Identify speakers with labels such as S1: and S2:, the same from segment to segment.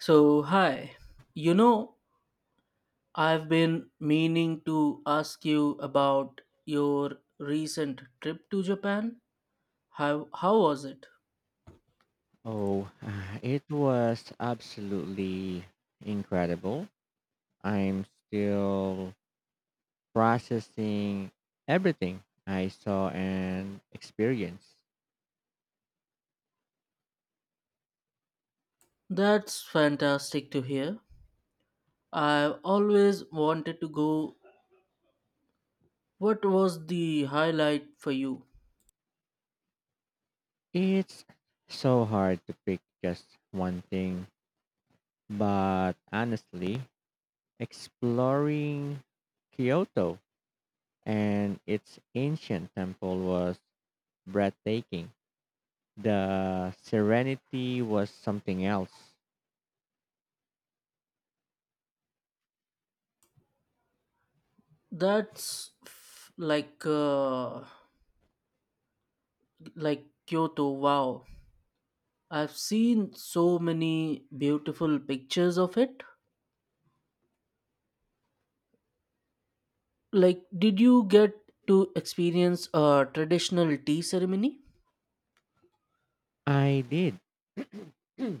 S1: So, hi. You know, I've been meaning to ask you about your recent trip to Japan. How was it?
S2: Oh, it was absolutely incredible. I'm still processing everything I saw and experienced.
S1: That's fantastic to hear. I've always wanted to go. What was the highlight for you?
S2: It's so hard to pick just one thing, but honestly, exploring Kyoto and its ancient temple was breathtaking. The serenity was something else.
S1: That's f- like Kyoto. Wow. I've seen so many beautiful pictures of it. Like, did you get to experience a traditional tea ceremony?
S2: I did.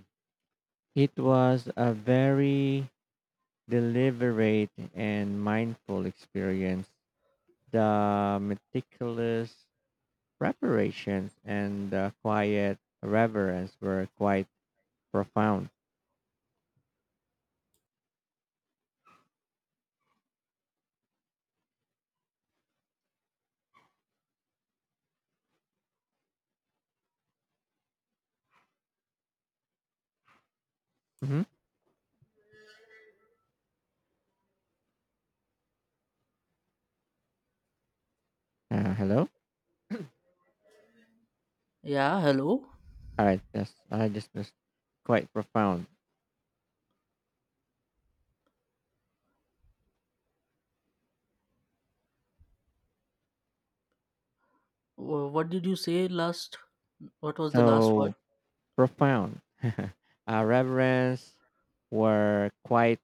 S2: It was a very deliberate and mindful experience. The meticulous preparations and the quiet reverence were quite profound. hmm hello?
S1: Yeah, hello.
S2: All right. Yes, I just missed quite profound.
S1: What did you say last? What was the last word?
S2: So profound. Reverence were quite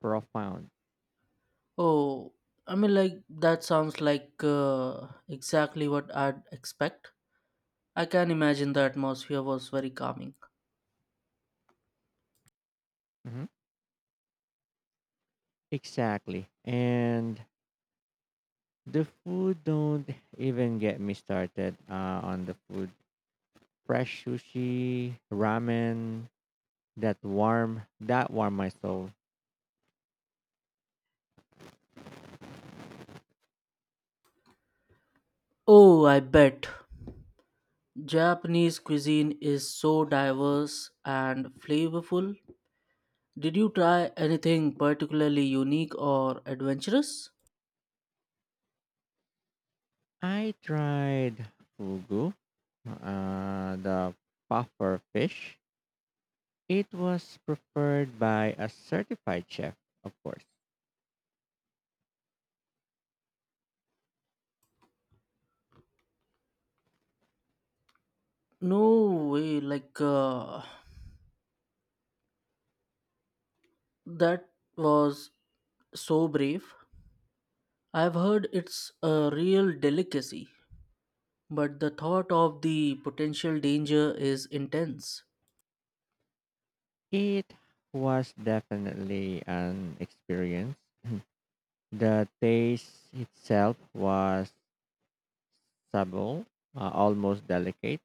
S2: profound.
S1: Oh, I mean, like, that sounds like exactly what I'd expect. I can imagine the atmosphere was very calming.
S2: hmm Exactly. And the food, don't even get me started on the food. Fresh sushi, ramen, that warm my soul.
S1: Oh, I bet. Japanese cuisine is so diverse and flavorful. Did you try anything particularly unique or adventurous?
S2: I tried fugu, the puffer fish. It was prepared by a certified chef, of course.
S1: No way, that was so brave. I've heard it's a real delicacy, but the thought of the potential danger is intense.
S2: It was definitely an experience. The taste itself was subtle, almost delicate.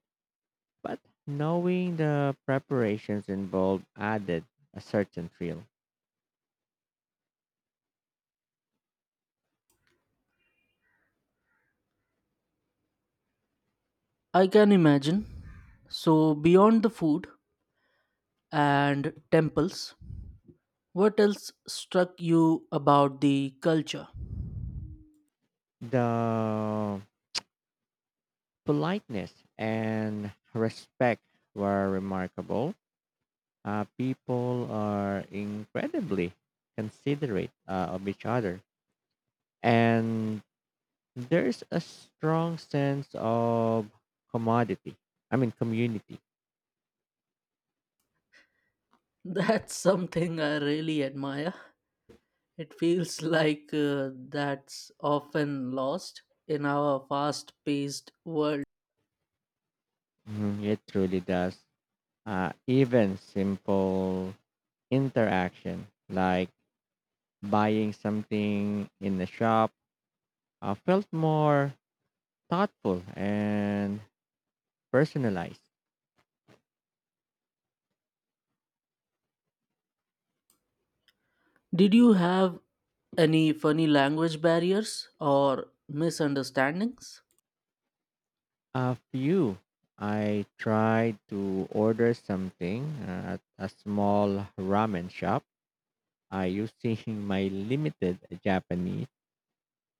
S2: But knowing the preparations involved added a certain thrill.
S1: I can imagine. So, beyond the food and temples, what else struck you about the culture?
S2: The politeness and respect were remarkable. People are incredibly considerate of each other. And there's a strong sense of commodity. I mean, community.
S1: That's something I really admire. It feels like that's often lost in our fast paced world.
S2: Mhm. It truly does. Even simple interaction like buying something in the shop felt more thoughtful and personalized.
S1: Did you have any funny language barriers or misunderstandings?
S2: A few. I tried to order something at a small ramen shop using my limited Japanese,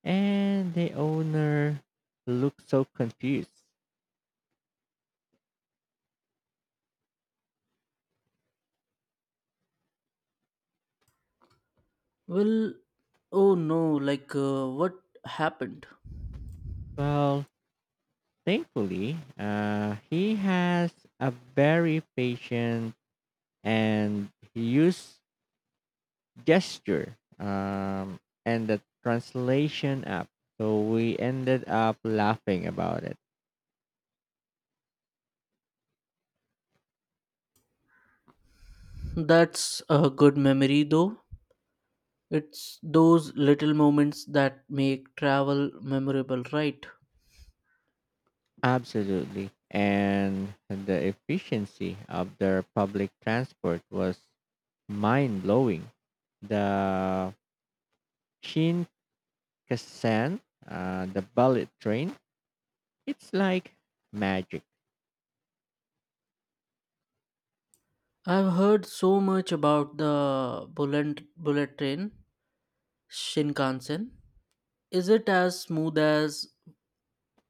S2: and the owner looked so confused.
S1: Well, oh no, what happened?
S2: Well, thankfully, he has a very patient and he used gesture and the translation app. So we ended up laughing about it.
S1: That's a good memory though. It's those little moments that make travel memorable, right?
S2: Absolutely. And the efficiency of their public transport was mind blowing. The Shinkansen, the bullet train, it's like magic.
S1: I've heard so much about the bullet train, Shinkansen. Is it as smooth as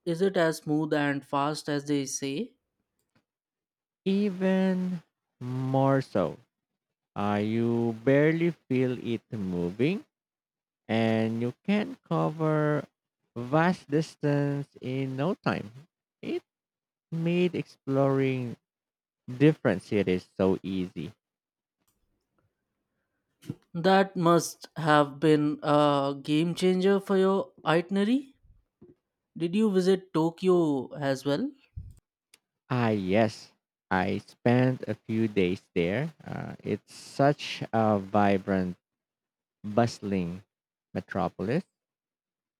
S1: is it as smooth and fast as they say?
S2: Even more so, you barely feel it moving and you can cover vast distance in no time. It made exploring different cities so easy.
S1: That must have been a game changer for your itinerary. Did you visit Tokyo as well?
S2: Ah, yes, I spent a few days there. It's such a vibrant, bustling metropolis.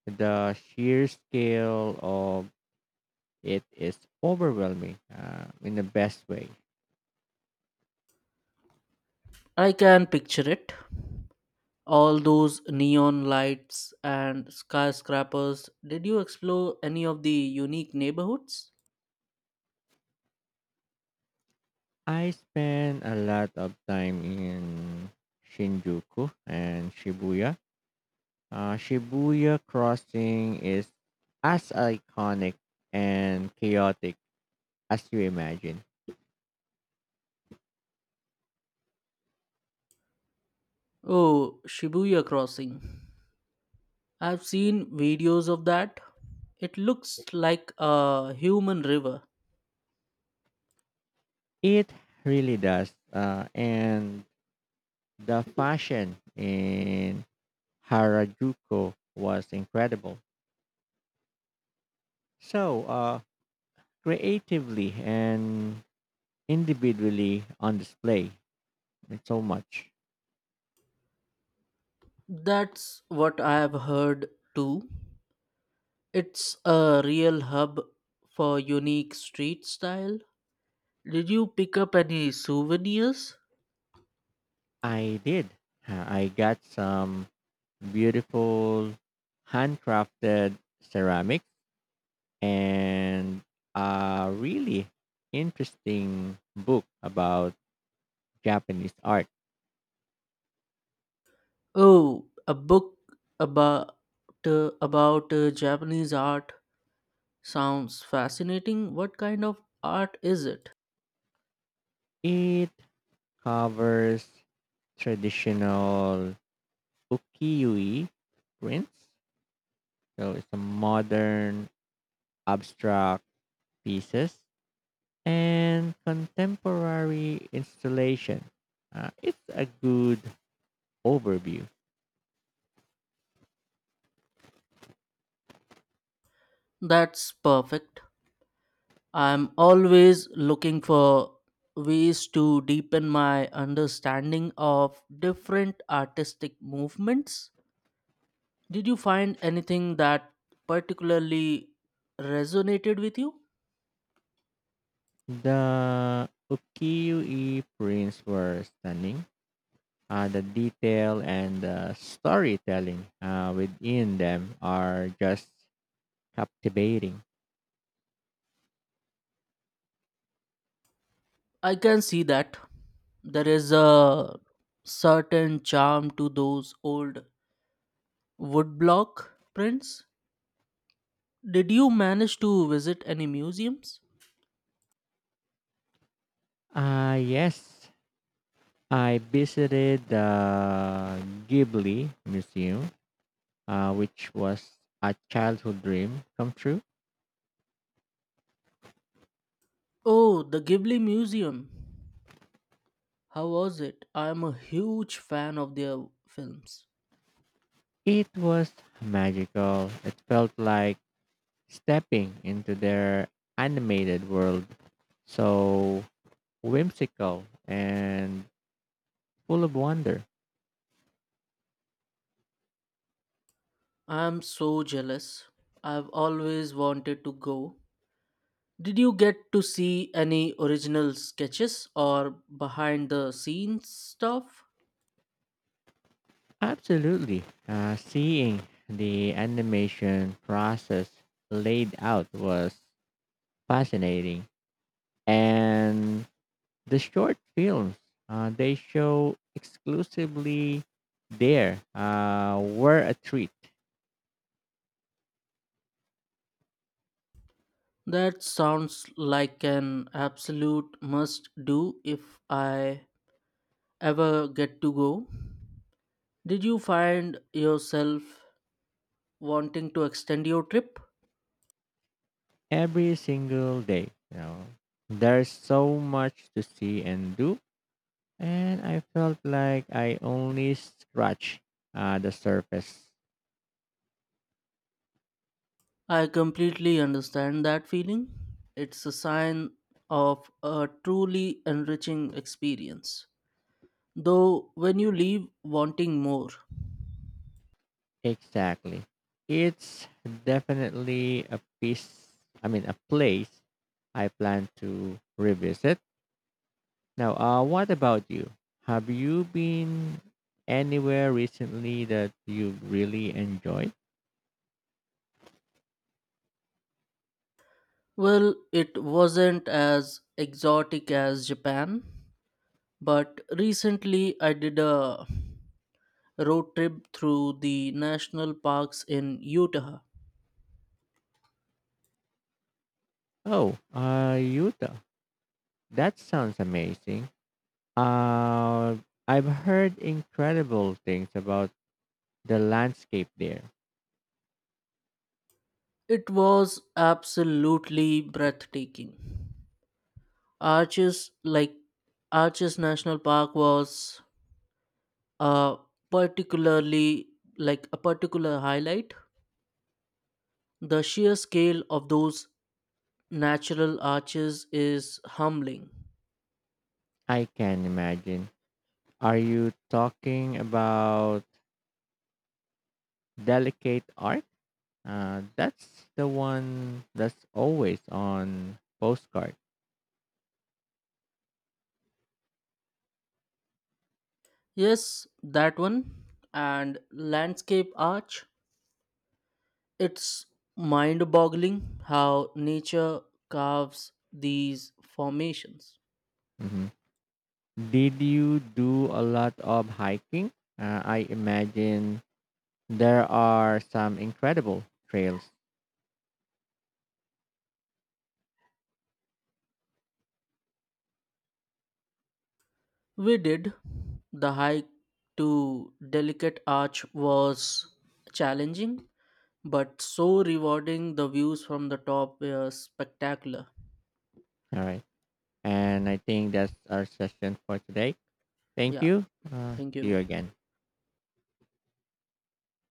S2: The sheer scale of it is overwhelming in the best way.
S1: I can picture it. All those neon lights and skyscrapers. Did you explore any of the unique neighborhoods?
S2: I spent a lot of time in Shinjuku and Shibuya. Shibuya Crossing is as iconic and chaotic as you imagine.
S1: Oh, Shibuya Crossing. I've seen videos of that. It looks like a human river.
S2: It really does. And the fashion in Harajuku was incredible. So, creatively and individually on display, it's so much.
S1: That's what I have heard too. It's a real hub for unique street style. Did you pick up any souvenirs?
S2: I did. I got some beautiful handcrafted ceramics and a really interesting book about Japanese art.
S1: Oh, a book about about Japanese art sounds fascinating. What kind of art is it?
S2: It covers traditional ukiyo-e prints, so it's a modern abstract pieces and contemporary installation. It's a good overview.
S1: That's perfect. I'm always looking for ways to deepen my understanding of different artistic movements. Did you find anything that particularly resonated with you?
S2: The ukiyo-e prints were stunning. The detail and the storytelling within them are just captivating.
S1: I can see that there is a certain charm to those old woodblock prints. Did you manage to visit any museums?
S2: Yes, I visited the Ghibli Museum, which was a childhood dream come true.
S1: Oh, the Ghibli Museum. How was it? I am a huge fan of their films.
S2: It was magical. It felt like stepping into their animated world, so whimsical and full of wonder.
S1: I am so jealous. I've always wanted to go. Did you get to see any original sketches or behind the scenes stuff?
S2: Absolutely. Seeing the animation process laid out was fascinating. And the short films, they show exclusively there, were a treat
S1: That sounds like an absolute must do if I ever get to go. Did you find yourself wanting to extend your trip?
S2: every single day. You know, there's so much to see and do. And I felt like I only scratched the surface.
S1: I completely understand that feeling. It's a sign of a truly enriching experience. Though, when you leave wanting more,
S2: Exactly. It's definitely a piece, I mean, a place I plan to revisit. Now, what about you? Have you been anywhere recently that you really enjoyed?
S1: well, it wasn't as exotic as Japan, but recently I did a road trip through the national parks in Utah.
S2: Oh, Utah. That sounds amazing. Uh, I've heard incredible things about the landscape there.
S1: It was absolutely breathtaking. Arches like Arches National Park was a particularly a particular highlight. The sheer scale of those natural arches is humbling.
S2: I can imagine. Are you talking about Delicate art? That's the one that's always on postcard.
S1: Yes, that one and landscape arch. It's mind boggling how nature carves these formations.
S2: hmm Did you do a lot of hiking? I imagine there are some incredible trails.
S1: We did. The hike to Delicate Arch was challenging, but so rewarding. The views from the top were spectacular.
S2: All right. And I think that's our session for today. Thank
S1: Yeah,
S2: you.
S1: thank
S2: See
S1: you.
S2: you again.